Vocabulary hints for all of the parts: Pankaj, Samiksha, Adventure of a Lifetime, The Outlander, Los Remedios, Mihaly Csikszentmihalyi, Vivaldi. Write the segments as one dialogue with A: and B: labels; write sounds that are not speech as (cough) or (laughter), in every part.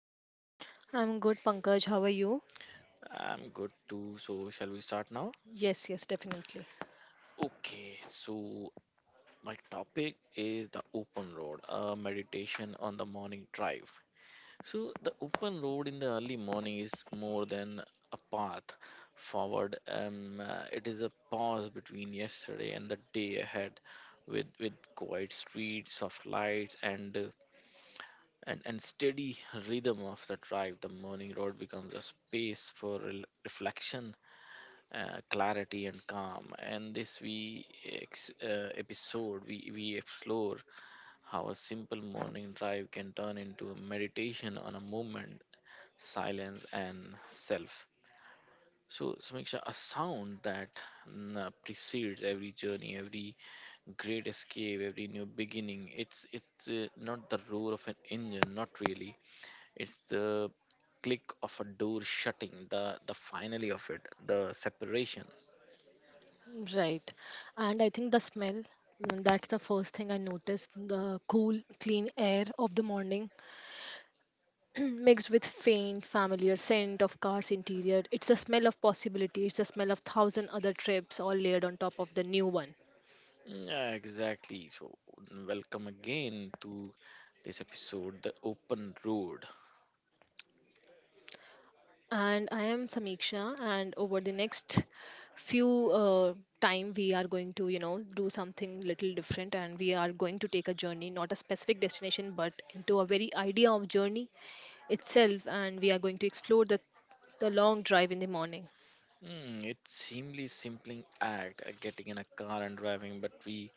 A: you?
B: I'm good, Pankaj. How are you?
A: I'm good too. So, shall we start now?
B: Yes, yes, definitely.
A: Okay, so my topic is the open road, a meditation on the morning drive. So, the open road in the early morning is more than a path forward. It is a pause between yesterday and the day ahead, with quiet streets, soft lights, and and steady rhythm of the drive. The morning road becomes a space for reflection, clarity and calm. And this episode we explore how a simple morning drive can turn into a meditation on a moment, silence and self. So Samiksha, a sound that precedes every journey, every great escape, every new beginning. It's not the roar of an engine, not really. It's the click of a door shutting, the finally of it, the separation.
B: Right. And I think the smell, that's the first thing I noticed. The cool, clean air of the morning (clears throat) mixed with faint, familiar scent of car's interior. It's the smell of possibility. It's the smell of thousand other trips all layered on top of the new one.
A: Yeah, exactly. So, welcome again to this episode, The Open Road.
B: And I am Samiksha. And over the next few time, we are going to do something little different, and we are going to take a journey, not a specific destination, but into a very idea of journey itself. And we are going to explore the long drive in the morning.
A: It's seemingly simple act, getting in a car and driving, but we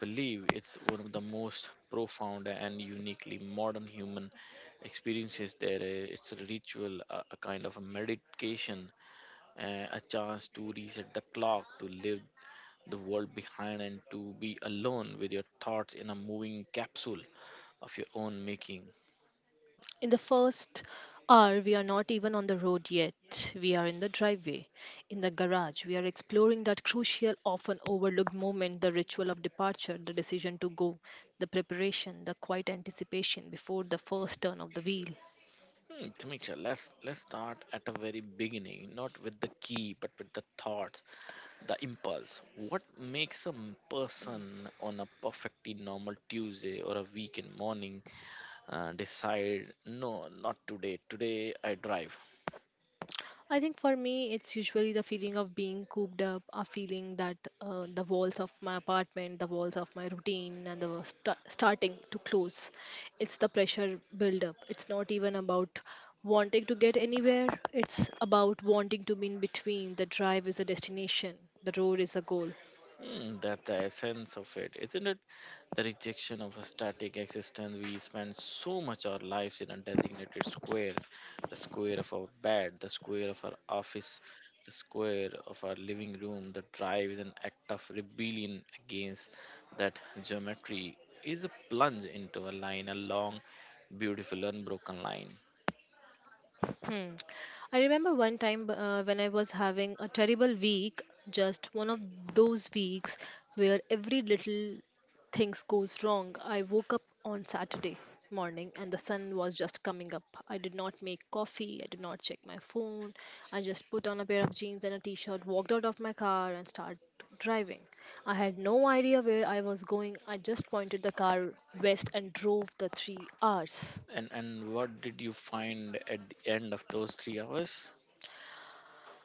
A: believe it's one of the most profound and uniquely modern human experiences there. It's a ritual, a kind of a meditation, a chance to reset the clock, to leave the world behind, and to be alone with your thoughts in a moving capsule of your own making.
B: In the first hour, we are not even on the road yet. We are in the driveway, in the garage. We are exploring that crucial, often overlooked moment the ritual of departure, the decision to go, the preparation, the quiet anticipation before the first turn of the wheel.
A: Tamiksha, let's start at the very beginning, not with the key, but with the thoughts, the impulse. What makes person on a perfectly normal Tuesday or a weekend morning decide, no, not today. Today I drive.
B: I think for me, it's usually the feeling of being cooped up, a feeling that the walls of my apartment, the walls of my routine, and the starting to close. It's the pressure build up. It's not even about wanting to get anywhere, it's about wanting to be in between. The drive is the destination, the road is the goal.
A: That the essence of it, isn't it? The rejection of a static existence. We spend so much our lives in a designated square, the square of our bed, the square of our office, the square of our living room. The drive is an act of rebellion against that geometry. Is a plunge into a line, a long, beautiful, unbroken line.
B: Hmm. I remember one time when I was having a terrible week, just one of those weeks where every little things goes wrong. I woke up on Saturday morning and the sun was just coming up. I did not make coffee, I did not check my phone. I just put on a pair of jeans and a t-shirt, walked out of my car and started driving. I had no idea where I was going. I just pointed the car west and drove the 3 hours.
A: And what did you find at the end of those 3 hours?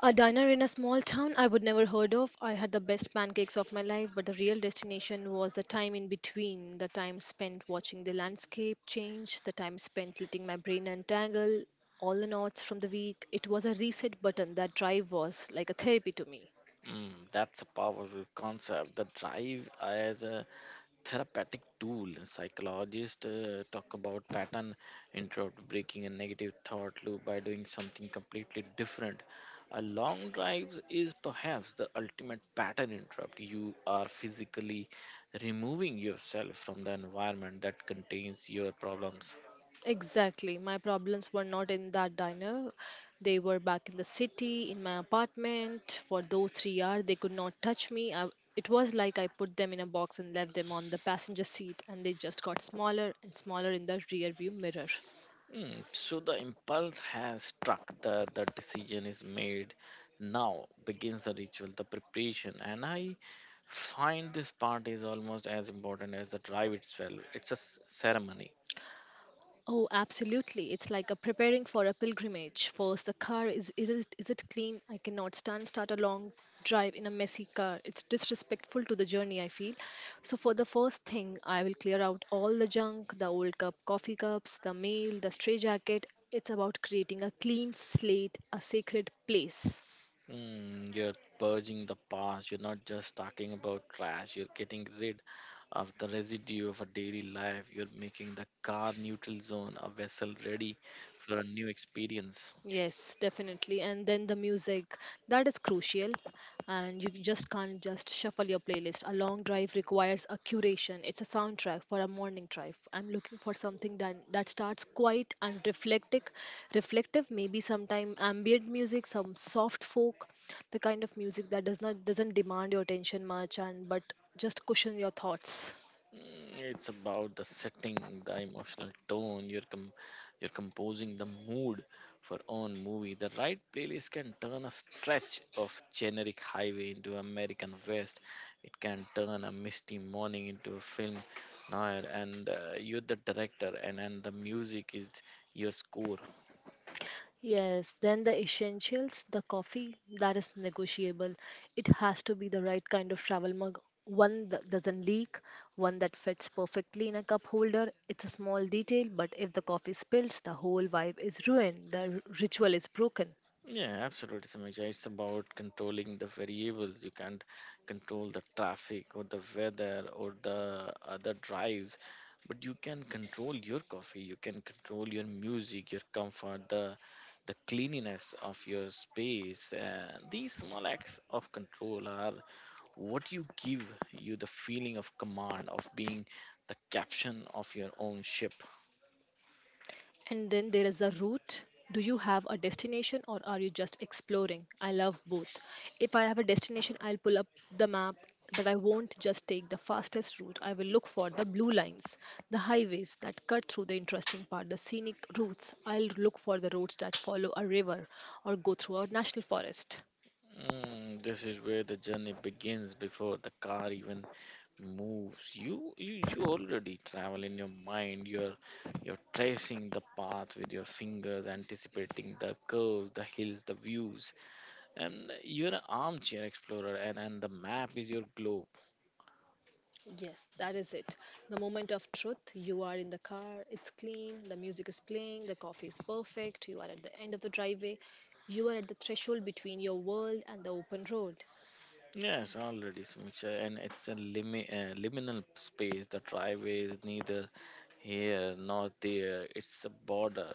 B: A diner in a small town I would never heard of. I had the best pancakes of my life, but the real destination was the time in between, the time spent watching the landscape change, the time spent letting my brain untangle all the knots from the week. It was a reset button. That drive was like a therapy to me.
A: That's a powerful concept. The drive as a therapeutic tool. Psychologists talk about pattern interrupt, breaking a negative thought loop by doing something completely different. A long drive is perhaps the ultimate pattern interrupt. You are physically removing yourself from the environment that contains your problems.
B: Exactly. My problems were not in that diner. They were back in the city, in my apartment. For those 3 hours, they could not touch me. I, it was like I put them in a box and left them on the passenger seat, and they just got smaller and smaller in the rearview mirror.
A: So the impulse has struck, the decision is made. Now begins the ritual, the preparation. And I find this part is almost as important as the drive itself. It's a ceremony.
B: Oh, absolutely. It's like a preparing for a pilgrimage. First, the car is it clean? I cannot stand start a long drive in a messy car. It's disrespectful to the journey, I feel. So for the first thing, I will clear out all the junk, coffee cups, the mail, the stray jacket. It's about creating a clean slate, a sacred place.
A: You're purging the past. You're not just talking about trash. You're getting rid of the residue of a daily life. You're making the car neutral zone a vessel ready for a new experience.
B: Yes, definitely. And then the music, that is crucial. And you just can't just shuffle your playlist. A long drive requires a curation. It's a soundtrack for a morning drive. I'm looking for something that starts quiet and reflective. Maybe sometime ambient music, some soft folk, the kind of music that doesn't demand your attention much and but just cushion your thoughts.
A: It's about the setting, the emotional tone. You're you're composing the mood for own movie. The right playlist can turn a stretch of generic highway into American West. It can turn a misty morning into a film noir. And you're the director, and the music is your score.
B: Yes, then the essentials, the coffee, that is negotiable. It has to be the right kind of travel mug. One that doesn't leak, one that fits perfectly in a cup holder. It's a small detail, but if the coffee spills, the whole vibe is ruined. Ritual is broken.
A: Yeah, absolutely, Samija. It's about controlling the variables. You can't control the traffic or the weather or the other drives, but you can control your coffee. You can control your music, your comfort, the cleanliness of your space. These small acts of control are what you give you the feeling of command of being the captain of your own ship.
B: And then there is the route. Do you have a destination or are you just exploring? I love both. If I have a destination, I'll pull up the map, but I won't just take the fastest route. I will look for the blue lines, the highways that cut through the interesting part, the scenic routes. I'll look for the roads that follow a river or go through a national forest.
A: This is where the journey begins before the car even moves. You already travel in your mind. You're tracing the path with your fingers, anticipating the curves, the hills, the views, and you're an armchair explorer, and the map is your globe.
B: Yes, that is it. The moment of truth. You are in the car, it's clean, the music is playing, the coffee is perfect, you are at the end of the driveway, you are at the threshold between your world and the open road.
A: Yes, already, Samiksha, and it's a liminal space. The driveway is neither here nor there. It's a border,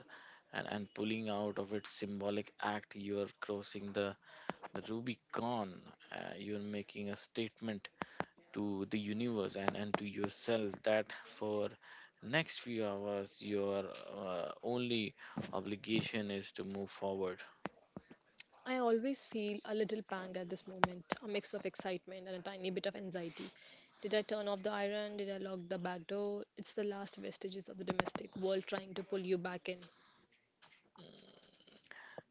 A: and pulling out of its symbolic act, you're crossing the rubicon. You're making a statement to the universe, and to yourself that for next few hours your only obligation is to move forward.
B: I always feel a little pang at this moment, a mix of excitement and a tiny bit of anxiety. Did I turn off the iron? Did I lock the back door? It's the last vestiges of the domestic world trying to pull you back in.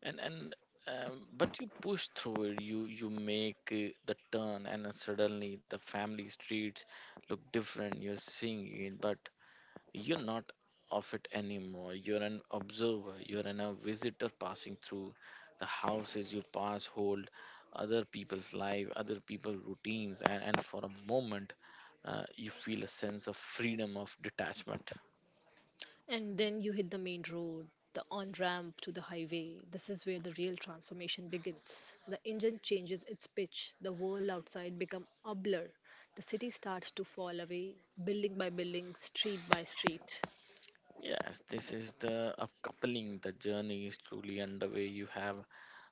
A: And but you push through it. You make the turn, and then suddenly the family streets look different. You're seeing it, but you're not of it anymore. You're an observer. You're a visitor passing through. The houses you pass, hold other people's life, other people's routines, and for a moment, you feel a sense of freedom of detachment.
B: And then you hit the main road, the on ramp to the highway. This is where the real transformation begins. The engine changes its pitch, the world outside becomes a blur. The city starts to fall away, building by building, street by street.
A: Yes, this is the upcoupling. The journey is truly underway. You have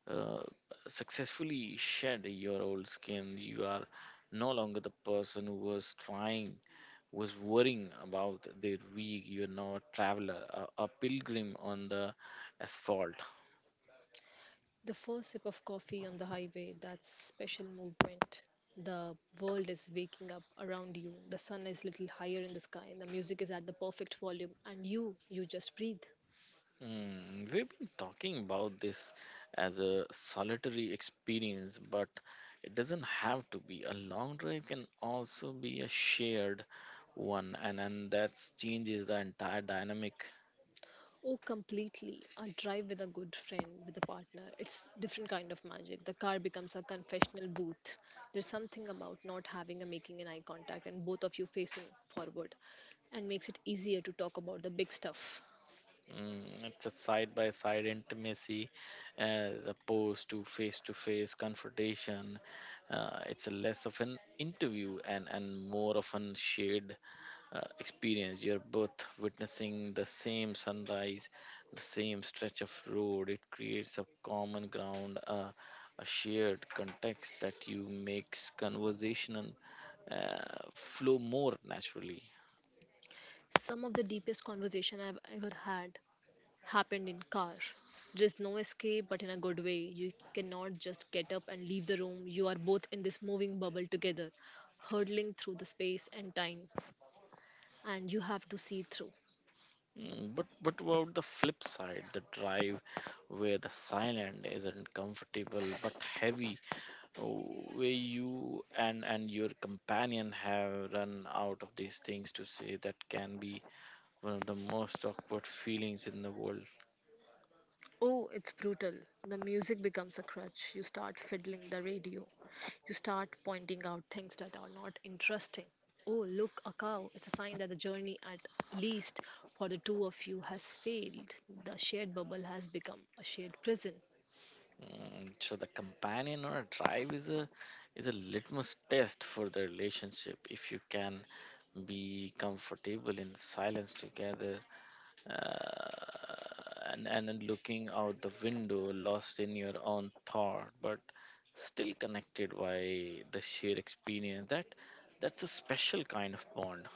A: uh, successfully shed your old skin. You are no longer the person who was trying, was worrying about their week. You're not a traveler, a pilgrim on the asphalt.
B: The first sip of coffee on the highway, thats special movement. The world is waking up around you. The sun is little higher in the sky. The music is at the perfect volume and you just breathe.
A: We've been talking about this as a solitary experience, but it doesn't have to be. A long drive can also be a shared one, and that changes the entire dynamic.
B: Oh, completely. A drive with a good friend, with a partner, it's different kind of magic. The car becomes a confessional booth. There's something about not having a making an eye contact and both of you facing forward and makes it easier to talk about the big stuff.
A: It's a side by side intimacy as opposed to face confrontation. It's a less of an interview, and more of an shared experience. You're both witnessing the same sunrise, the same stretch of road. It creates a common ground, a shared context that you makes conversation uh, flow more naturally.
B: Some of the deepest conversation I've ever had happened in car. There is no escape, but in a good way. You cannot just get up and leave the room. You are both in this moving bubble together, hurtling through the space and time, and you have to see it through.
A: But about the flip side, the drive where the silent isn't comfortable but heavy, oh, where you and your companion have run out of these things to say, that can be one of the most awkward feelings in the world.
B: Oh, it's brutal. The music becomes a crutch. You start fiddling the radio. You start pointing out things that are not interesting. Oh, look, a cow. It's a sign that the journey, at least for the two of you, has failed. The shared bubble has become a shared prison.
A: So the companion or a drive is a litmus test for the relationship. If you can be comfortable in silence together uh, and then looking out the window, lost in your own thought, but still connected by the shared experience. That that's a special kind of bond.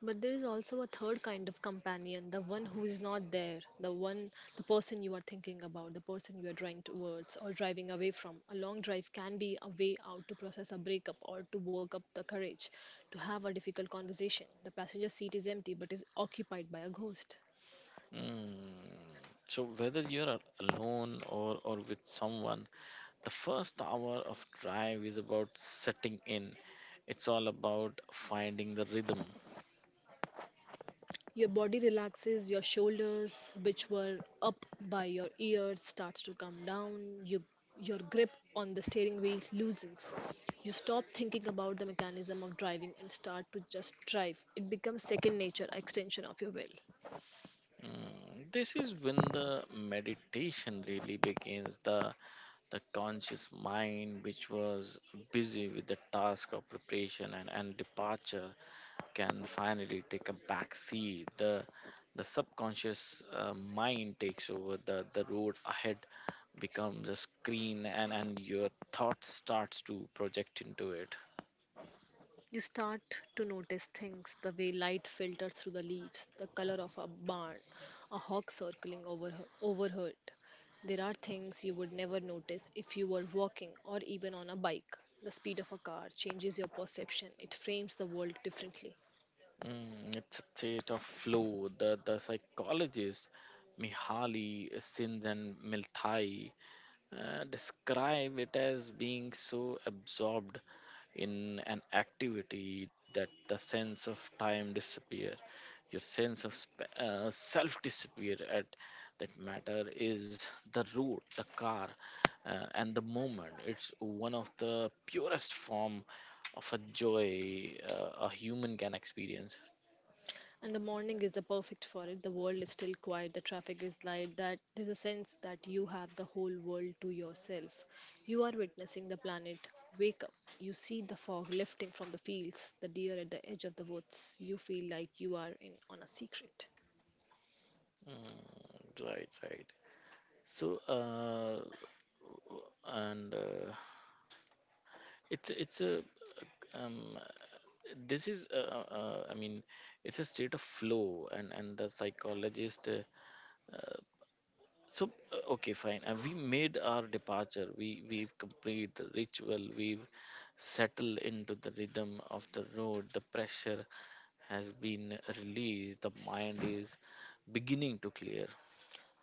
B: But there is also a third kind of companion, the one who is not there, the person you are thinking about, the person you are drawing towards or driving away from. A long drive can be a way out to process a breakup or to work up the courage to have a difficult conversation. The passenger seat is empty but is occupied by a ghost.
A: Mm. So whether you're alone or with someone, the first hour of drive is about setting in. It's all about finding the rhythm.
B: Your body relaxes, your shoulders, which were up by your ears, starts to come down. Your grip on the steering wheels loosens. You stop thinking about the mechanism of driving and start to just drive. It becomes second nature, extension of your will.
A: This is when the meditation really begins. The conscious mind, which was busy with the task of preparation and departure, can finally take a back seat. The subconscious mind takes over. The road ahead becomes a screen, and your thought starts to project into it.
B: You start to notice things the way light filters through the leaves, the color of a barn, a hawk circling over her, overhead. There are things you would never notice if you were walking or even on a bike. The speed of a car changes your perception, it frames the world differently.
A: It's a state of flow. The psychologist Mihaly Csikszentmihalyi describe it as being so absorbed in an activity that the sense of time disappear, your sense of self disappear at that matter is the road, the car, and the moment. It's one of the purest form of a joy a human can experience.
B: And the morning is the perfect for it. The world is still quiet, the traffic is light, that there's a sense that you have the whole world to yourself. You are witnessing the planet wake up. You see the fog lifting from the fields, the deer at the edge of the woods. You feel like you are in on a secret.
A: Right right so and it's a um, this is I mean it's a state of flow and the psychologist. Okay, fine. We made our departure. We've complete the ritual. We've settled into the rhythm of the road. The pressure has been released. The mind is beginning to clear.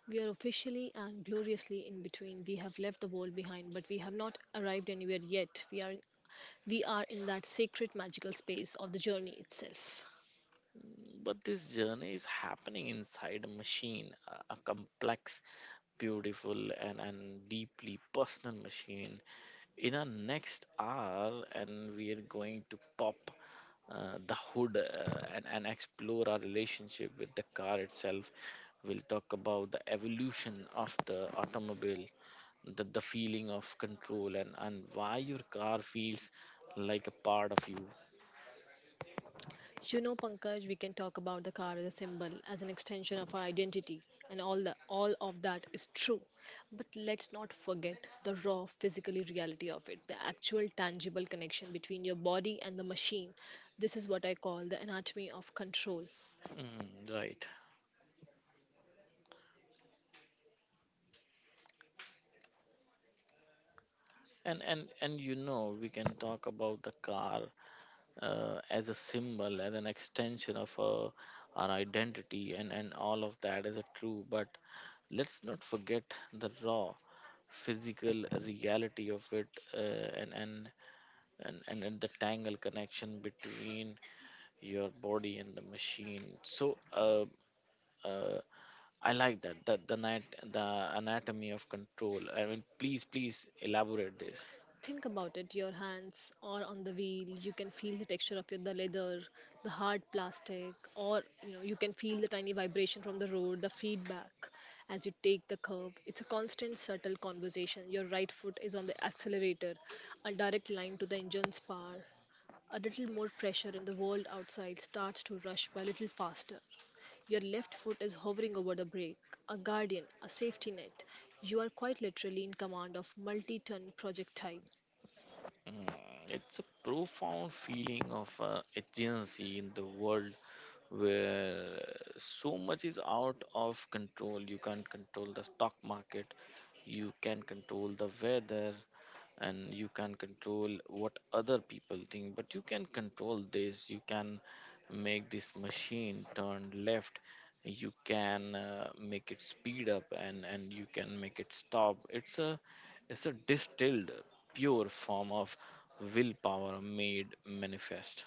B: We are officially and gloriously in between. We have left the world behind, but we have not arrived anywhere yet. We are in that sacred magical space of the journey itself.
A: But this journey is happening inside a machine, a complex, beautiful, and deeply personal machine. In our next hour, and we are going to pop the hood and explore our relationship with the car itself. We'll talk about the evolution of the automobile, the feeling of control, and why your car feels like a part of you.
B: You know, Pankaj, we can talk about the car as a symbol, as an extension of our identity, and all of that is true. But let's not forget the raw physically reality of it, the actual tangible connection between your body and the machine. This is what I call the anatomy of control.
A: Mm, right. And you know, we can talk about the car as a symbol, as an extension of our identity, and all of that is a true. But let's not forget the raw physical reality of it, uh, and and and the tangle connection between your body and the machine. Uh, I like that. The anatomy of control. I mean, please, please elaborate.
B: Think about it. Your hands are on the wheel. You can feel the texture of the leather, the hard plastic, or you know you can feel the tiny vibration from the road, the feedback as you take the curve. It's a constant, subtle conversation. Your right foot is on the accelerator, a direct line to the engine's power. A little more pressure, and the world outside starts to rush by a little faster. Your left foot is hovering over the brake, a guardian, a safety net. You are quite literally in command of multi ton projectile.
A: Mm, It's a profound feeling of agency in the world where so much is out of control. You can't control the stock market, you can control the weather, and you can control what other people think, but you can control this. You can make this machine turn left. You can make it speed up, and you can make it stop. It's a distilled, pure form of willpower made manifest.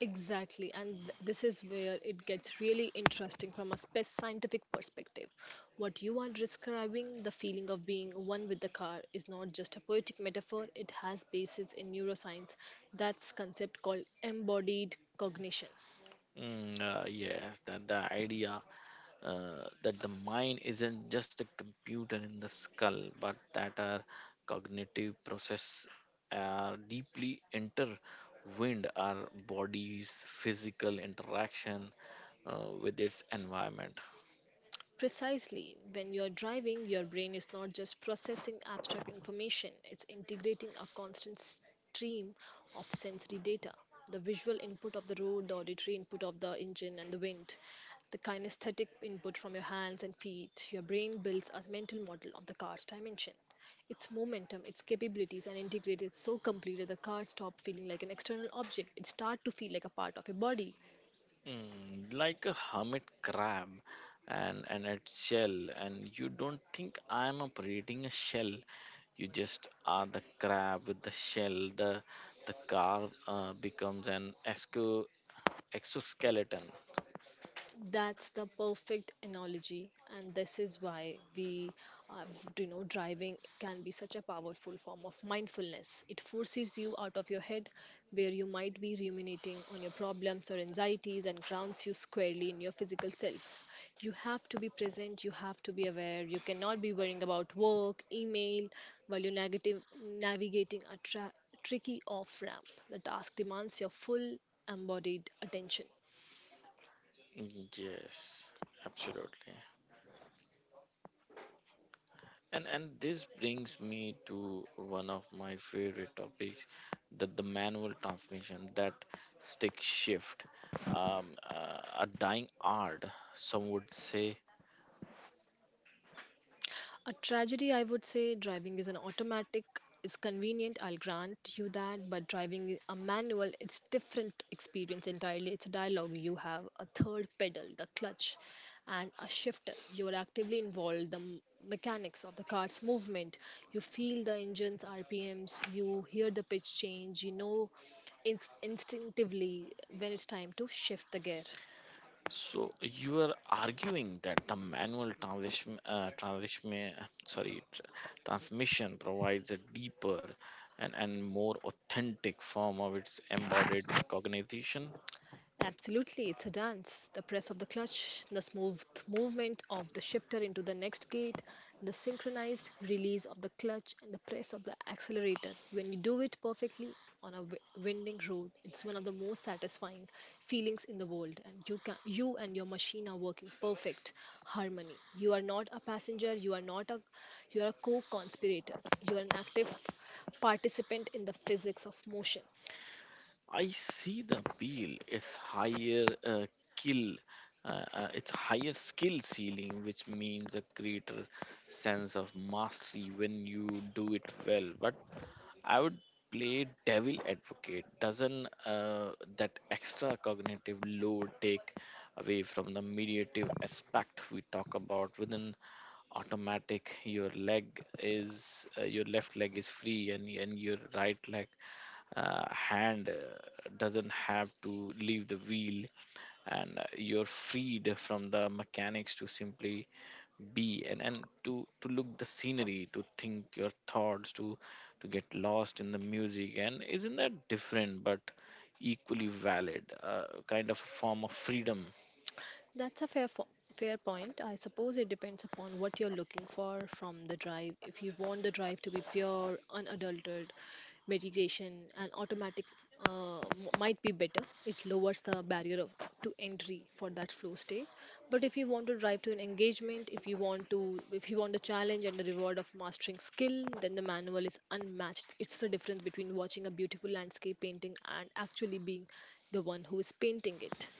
B: Exactly, and this is where it gets really interesting from a space scientific perspective. What you are describing, the feeling of being one with the car, is not just a poetic metaphor, it has basis in neuroscience. That's concept called embodied cognition.
A: Yes, that the idea that the mind isn't just a computer in the skull, but that our cognitive process are deeply intertwined our body's physical interaction with its environment.
B: Precisely, when you're driving, your brain is not just processing abstract information, it's integrating a constant stream of sensory data. The visual input of the road, the auditory input of the engine and the wind, the kinesthetic input from your hands and feet. Your brain builds a mental model of the car's dimension, its momentum, its capabilities, and integrates it so completely that the car stops feeling like an external object. It starts to feel like a part of your body.
A: Like a hermit crab and its shell, and you don't think I'm up a shell. You just are the crab with the shell. The car becomes an exoskeleton.
B: That's the perfect analogy, and this is why uh, driving can be such a powerful form of mindfulness. It forces you out of your head, where you might be ruminating on your problems or anxieties, and grounds you squarely in your physical self. You have to be present. You have to be aware. You cannot be worrying about work, email, while you're negative navigating a tricky off ramp. The task demands your full embodied attention.
A: Yes, absolutely. And this brings me to one of my favorite topics, that the manual transmission, that stick shift, a dying art, some would say.
B: A tragedy, I would say, driving is an automatic, it's convenient, I'll grant you that, but driving a manual, it's different experience entirely. It's a dialogue. You have a third pedal, the clutch, and a shifter. You are actively involved, the mechanics of the car's movement. You feel the engine's RPMs, you hear the pitch change, you know instinctively when it's time to shift the gear.
A: So you are arguing that the manual sorry, tr- transmission provides a deeper and more authentic form of its embodied cognition.
B: Absolutely, it's a dance. The press of the clutch, the smooth movement of the shifter into the next gate, the synchronized release of the clutch, and the press of the accelerator. When you do it perfectly on a winding road, it's one of the most satisfying feelings in the world. And you can, you and your machine are working perfect harmony. You are not a passenger. You are not a, you are a co-conspirator. You are an active participant in the physics of motion.
A: I see the appeal. It's higher kill. It's higher skill ceiling, which means a greater sense of mastery when you do it well. But I would play devil advocate. Doesn't that extra cognitive load take away from the mediative aspect we talk about within automatic? Your leg is your left leg is free, and your right leg hand doesn't have to leave the wheel and you're freed from the mechanics to simply be, and to look the scenery, to think your thoughts, to get lost in the music. And isn't that different but equally valid kind of a form of freedom?
B: That's a fair point. I suppose it depends upon what you're looking for from the drive. If you want the drive to be pure, unadulterated meditation and automatic might be better. It lowers the barrier of to entry for that flow state. But if you want to drive to an engagement, if you want to if you want the challenge and the reward of mastering skill, then the manual is unmatched. It's the difference between watching a beautiful landscape painting and actually being the one who is painting it.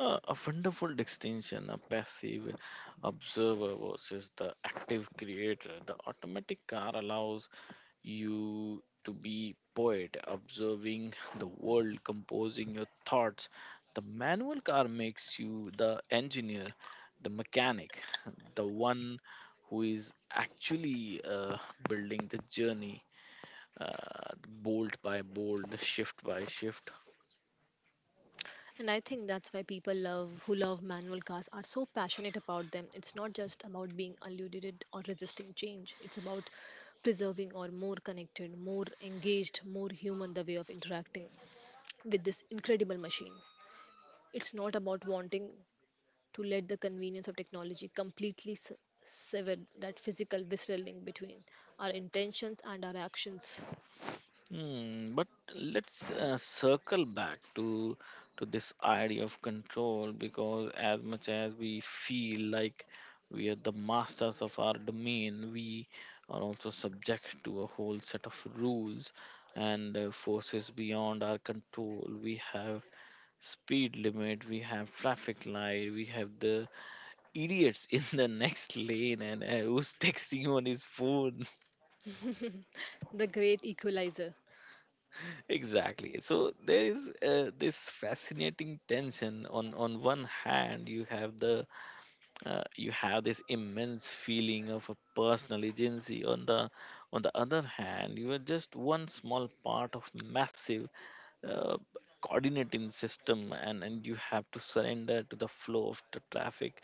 A: Uh, a wonderful distinction, a passive observer versus the active creator. The automatic car allows you to be poet observing the world, composing your thoughts. The manual car makes you the engineer, the mechanic, the one who is actually building the journey, uh, bolt by bolt, shift by shift.
B: And I think that's why people love who love manual cars are so passionate about them. It's not just about being eluded or resisting change. It's about preserving or more connected, more engaged, more human the way of interacting with this incredible machine. It's not about wanting to let the convenience of technology completely sever that physical visceral link between our intentions and our actions.
A: Hmm, but let's circle back to this idea of control, because as much as we feel like we are the masters of our domain, we are also subject to a whole set of rules and forces beyond our control. We have speed limit, we have traffic light, we have the idiots (laughs) in the next lane and who's texting on his phone.
B: The great equalizer.
A: Exactly. So there is this fascinating tension. On one hand, you have the you have this immense feeling of a personal agency. On the other hand, you are just one small part of massive uh, coordinating system, and you have to surrender to the flow of the traffic,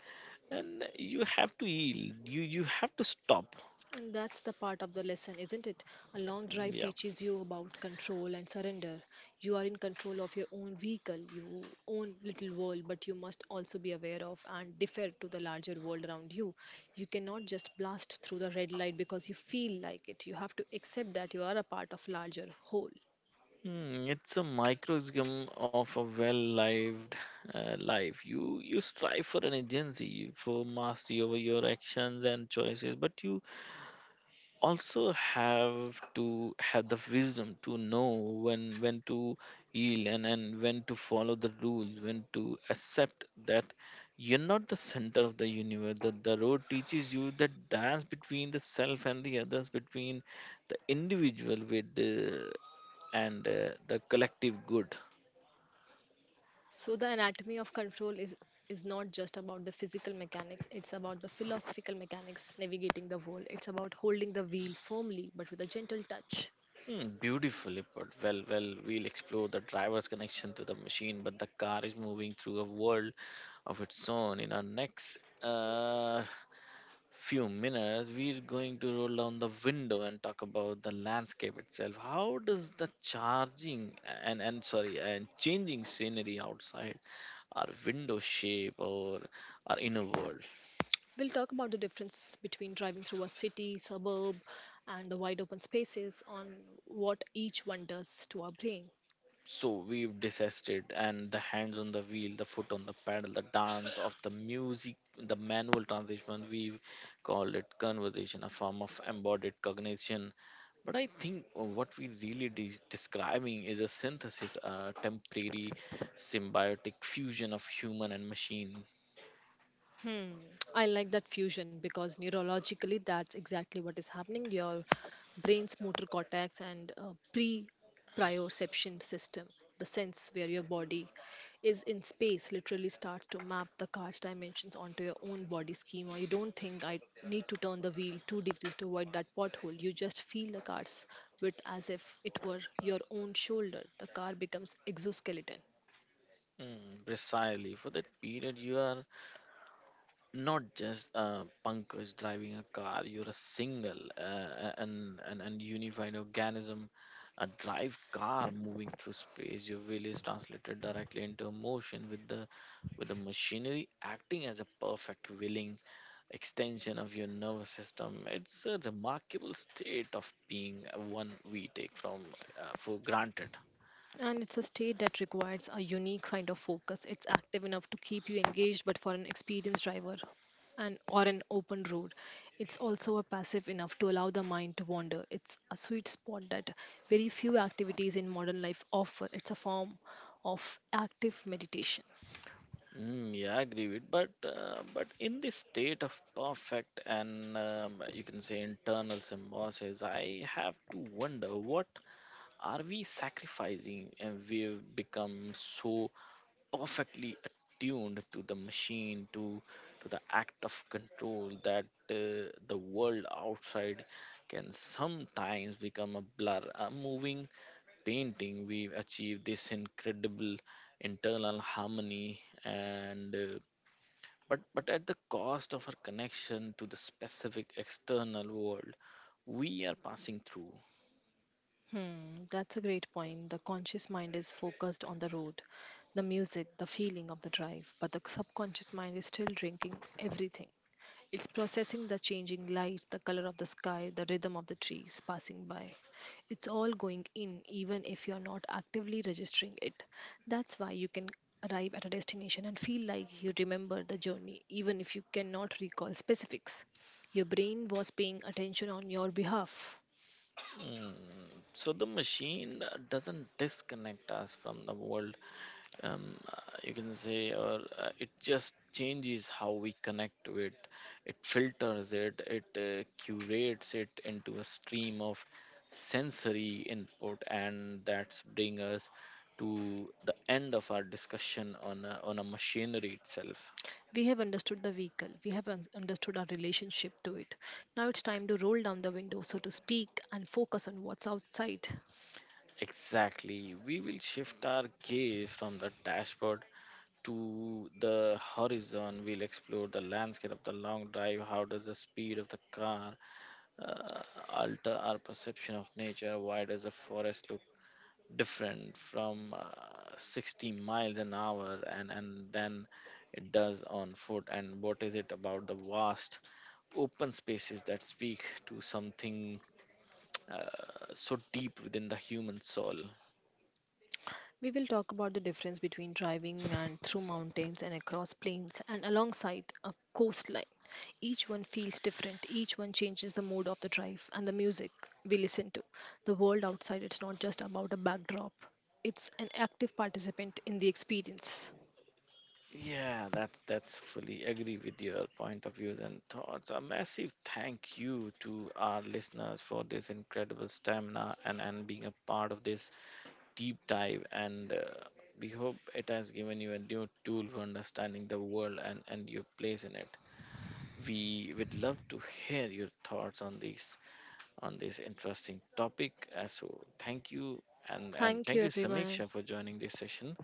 A: and you have to yield. You have to stop.
B: And that's the part of the lesson, isn't it? A long drive
A: Yeah.
B: teaches you about control and surrender. You are in control of your own vehicle, your own little world, but you must also be aware of and defer to the larger world around you. You cannot just blast through the red light because you feel like it. You have to accept that you are a part of larger whole.
A: Hmm, it's a microcosm of a well-lived life. You strive for an agency, for mastery over your actions and choices, but you also have to have the wisdom to know when to yield, and when to follow the rules, when to accept that you're not the center of the universe. That the road teaches you the dance between the self and the others, between the individual with the and the collective good.
B: So the anatomy of control is not just about the physical mechanics, it's about the philosophical mechanics navigating the world. It's about holding the wheel firmly but with a gentle touch.
A: Hmm, beautifully put. Well, we'll explore the driver's connection to the machine, but the car is moving through a world of its own. In our next few minutes, we're going to roll down the window and talk about the landscape itself. How does the charging and sorry and changing scenery outside our window shape or our inner world?
B: We'll talk about the difference between driving through a city, suburb, and the wide open spaces on what each one does to our brain.
A: So we've discussed it, and the hands on the wheel, the foot on the pedal, the dance of the music, the manual transition. We call it conversation, a form of embodied cognition. But I think what we really describing is a synthesis, a temporary symbiotic fusion of human and machine.
B: Hmm, I like that fusion because neurologically that's exactly what is happening. Your brain's motor cortex and pre proprioception system, the sense where your body is in space, literally start to map the car's dimensions onto your own body schema. You don't think I need to turn the wheel 2 degrees to avoid that pothole. You just feel the car's width as if it were your own shoulder. The car becomes exoskeleton.
A: Mm, precisely. For that period, you are not just a punkers driving a car, you're a single and unified organism, a drive car moving through space. Your will is translated directly into a motion with the machinery acting as a perfect willing extension of your nervous system. It's a remarkable state of being, one we take from for granted.
B: And it's a state that requires a unique kind of focus. It's active enough to keep you engaged, but for an experienced driver and or an open road, it's also a passive enough to allow the mind to wander. It's a sweet spot that very few activities in modern life offer. It's a form of active meditation.
A: Mm, yeah, I agree with, but in this state of perfect and you can say internal symbiosis, I have to wonder what are we sacrificing. And we've become so perfectly attuned to the machine, to the act of control, that the world outside can sometimes become a blur, a moving painting. We've achieved this incredible internal harmony, and but at the cost of our connection to the specific external world we are passing through.
B: Hmm, that's a great point. The conscious mind is focused on the road, the music, the feeling of the drive, but the subconscious mind is still drinking everything. It's processing the changing light, the color of the sky, the rhythm of the trees passing by. It's all going in, even if you're not actively registering it. That's why you can arrive at a destination and feel like you remember the journey, even if you cannot recall specifics. Your brain was paying attention on your behalf.
A: Mm. So the machine doesn't disconnect us from the world, you can say, or it just changes how we connect to it. It filters it, it curates it into a stream of sensory input. And that's bring us to the end of our discussion on a machinery itself.
B: We have understood the vehicle, we have understood our relationship to it. Now it's time to roll down the window, so to speak, and focus on what's outside.
A: Exactly. We will shift our gaze from the dashboard to the horizon. We'll explore the landscape of the long drive. How does the speed of the car uh, alter our perception of nature? Why does a forest look different from 60 miles an hour and then it does on foot? And what is it about the vast open spaces that speak to something uh, so deep within the human soul?
B: We will talk about the difference between driving and through mountains and across plains and alongside a coastline. Each one feels different, each one changes the mood of the drive and the music we listen to. The world outside, it's not just about a backdrop, it's an active participant in the experience.
A: Yeah, that's fully agree with your point of views and thoughts. A massive thank you to our listeners for this incredible stamina and being a part of this deep dive. And we hope it has given you a new tool for understanding the world and your place in it. We would love to hear your thoughts on this interesting topic. So thank you, and
B: Thank
A: thank
B: you,
A: you
B: everyone.
A: Samiksha for joining this session.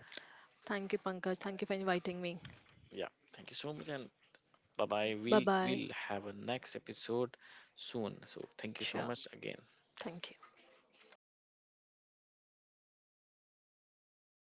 B: Thank you, Pankaj. Thank you for inviting me.
A: Yeah, thank you so much, and bye bye.
B: Bye
A: we'll
B: bye.
A: we'll have a next episode soon, so thank you so
B: Sure.
A: much again.
B: Thank you.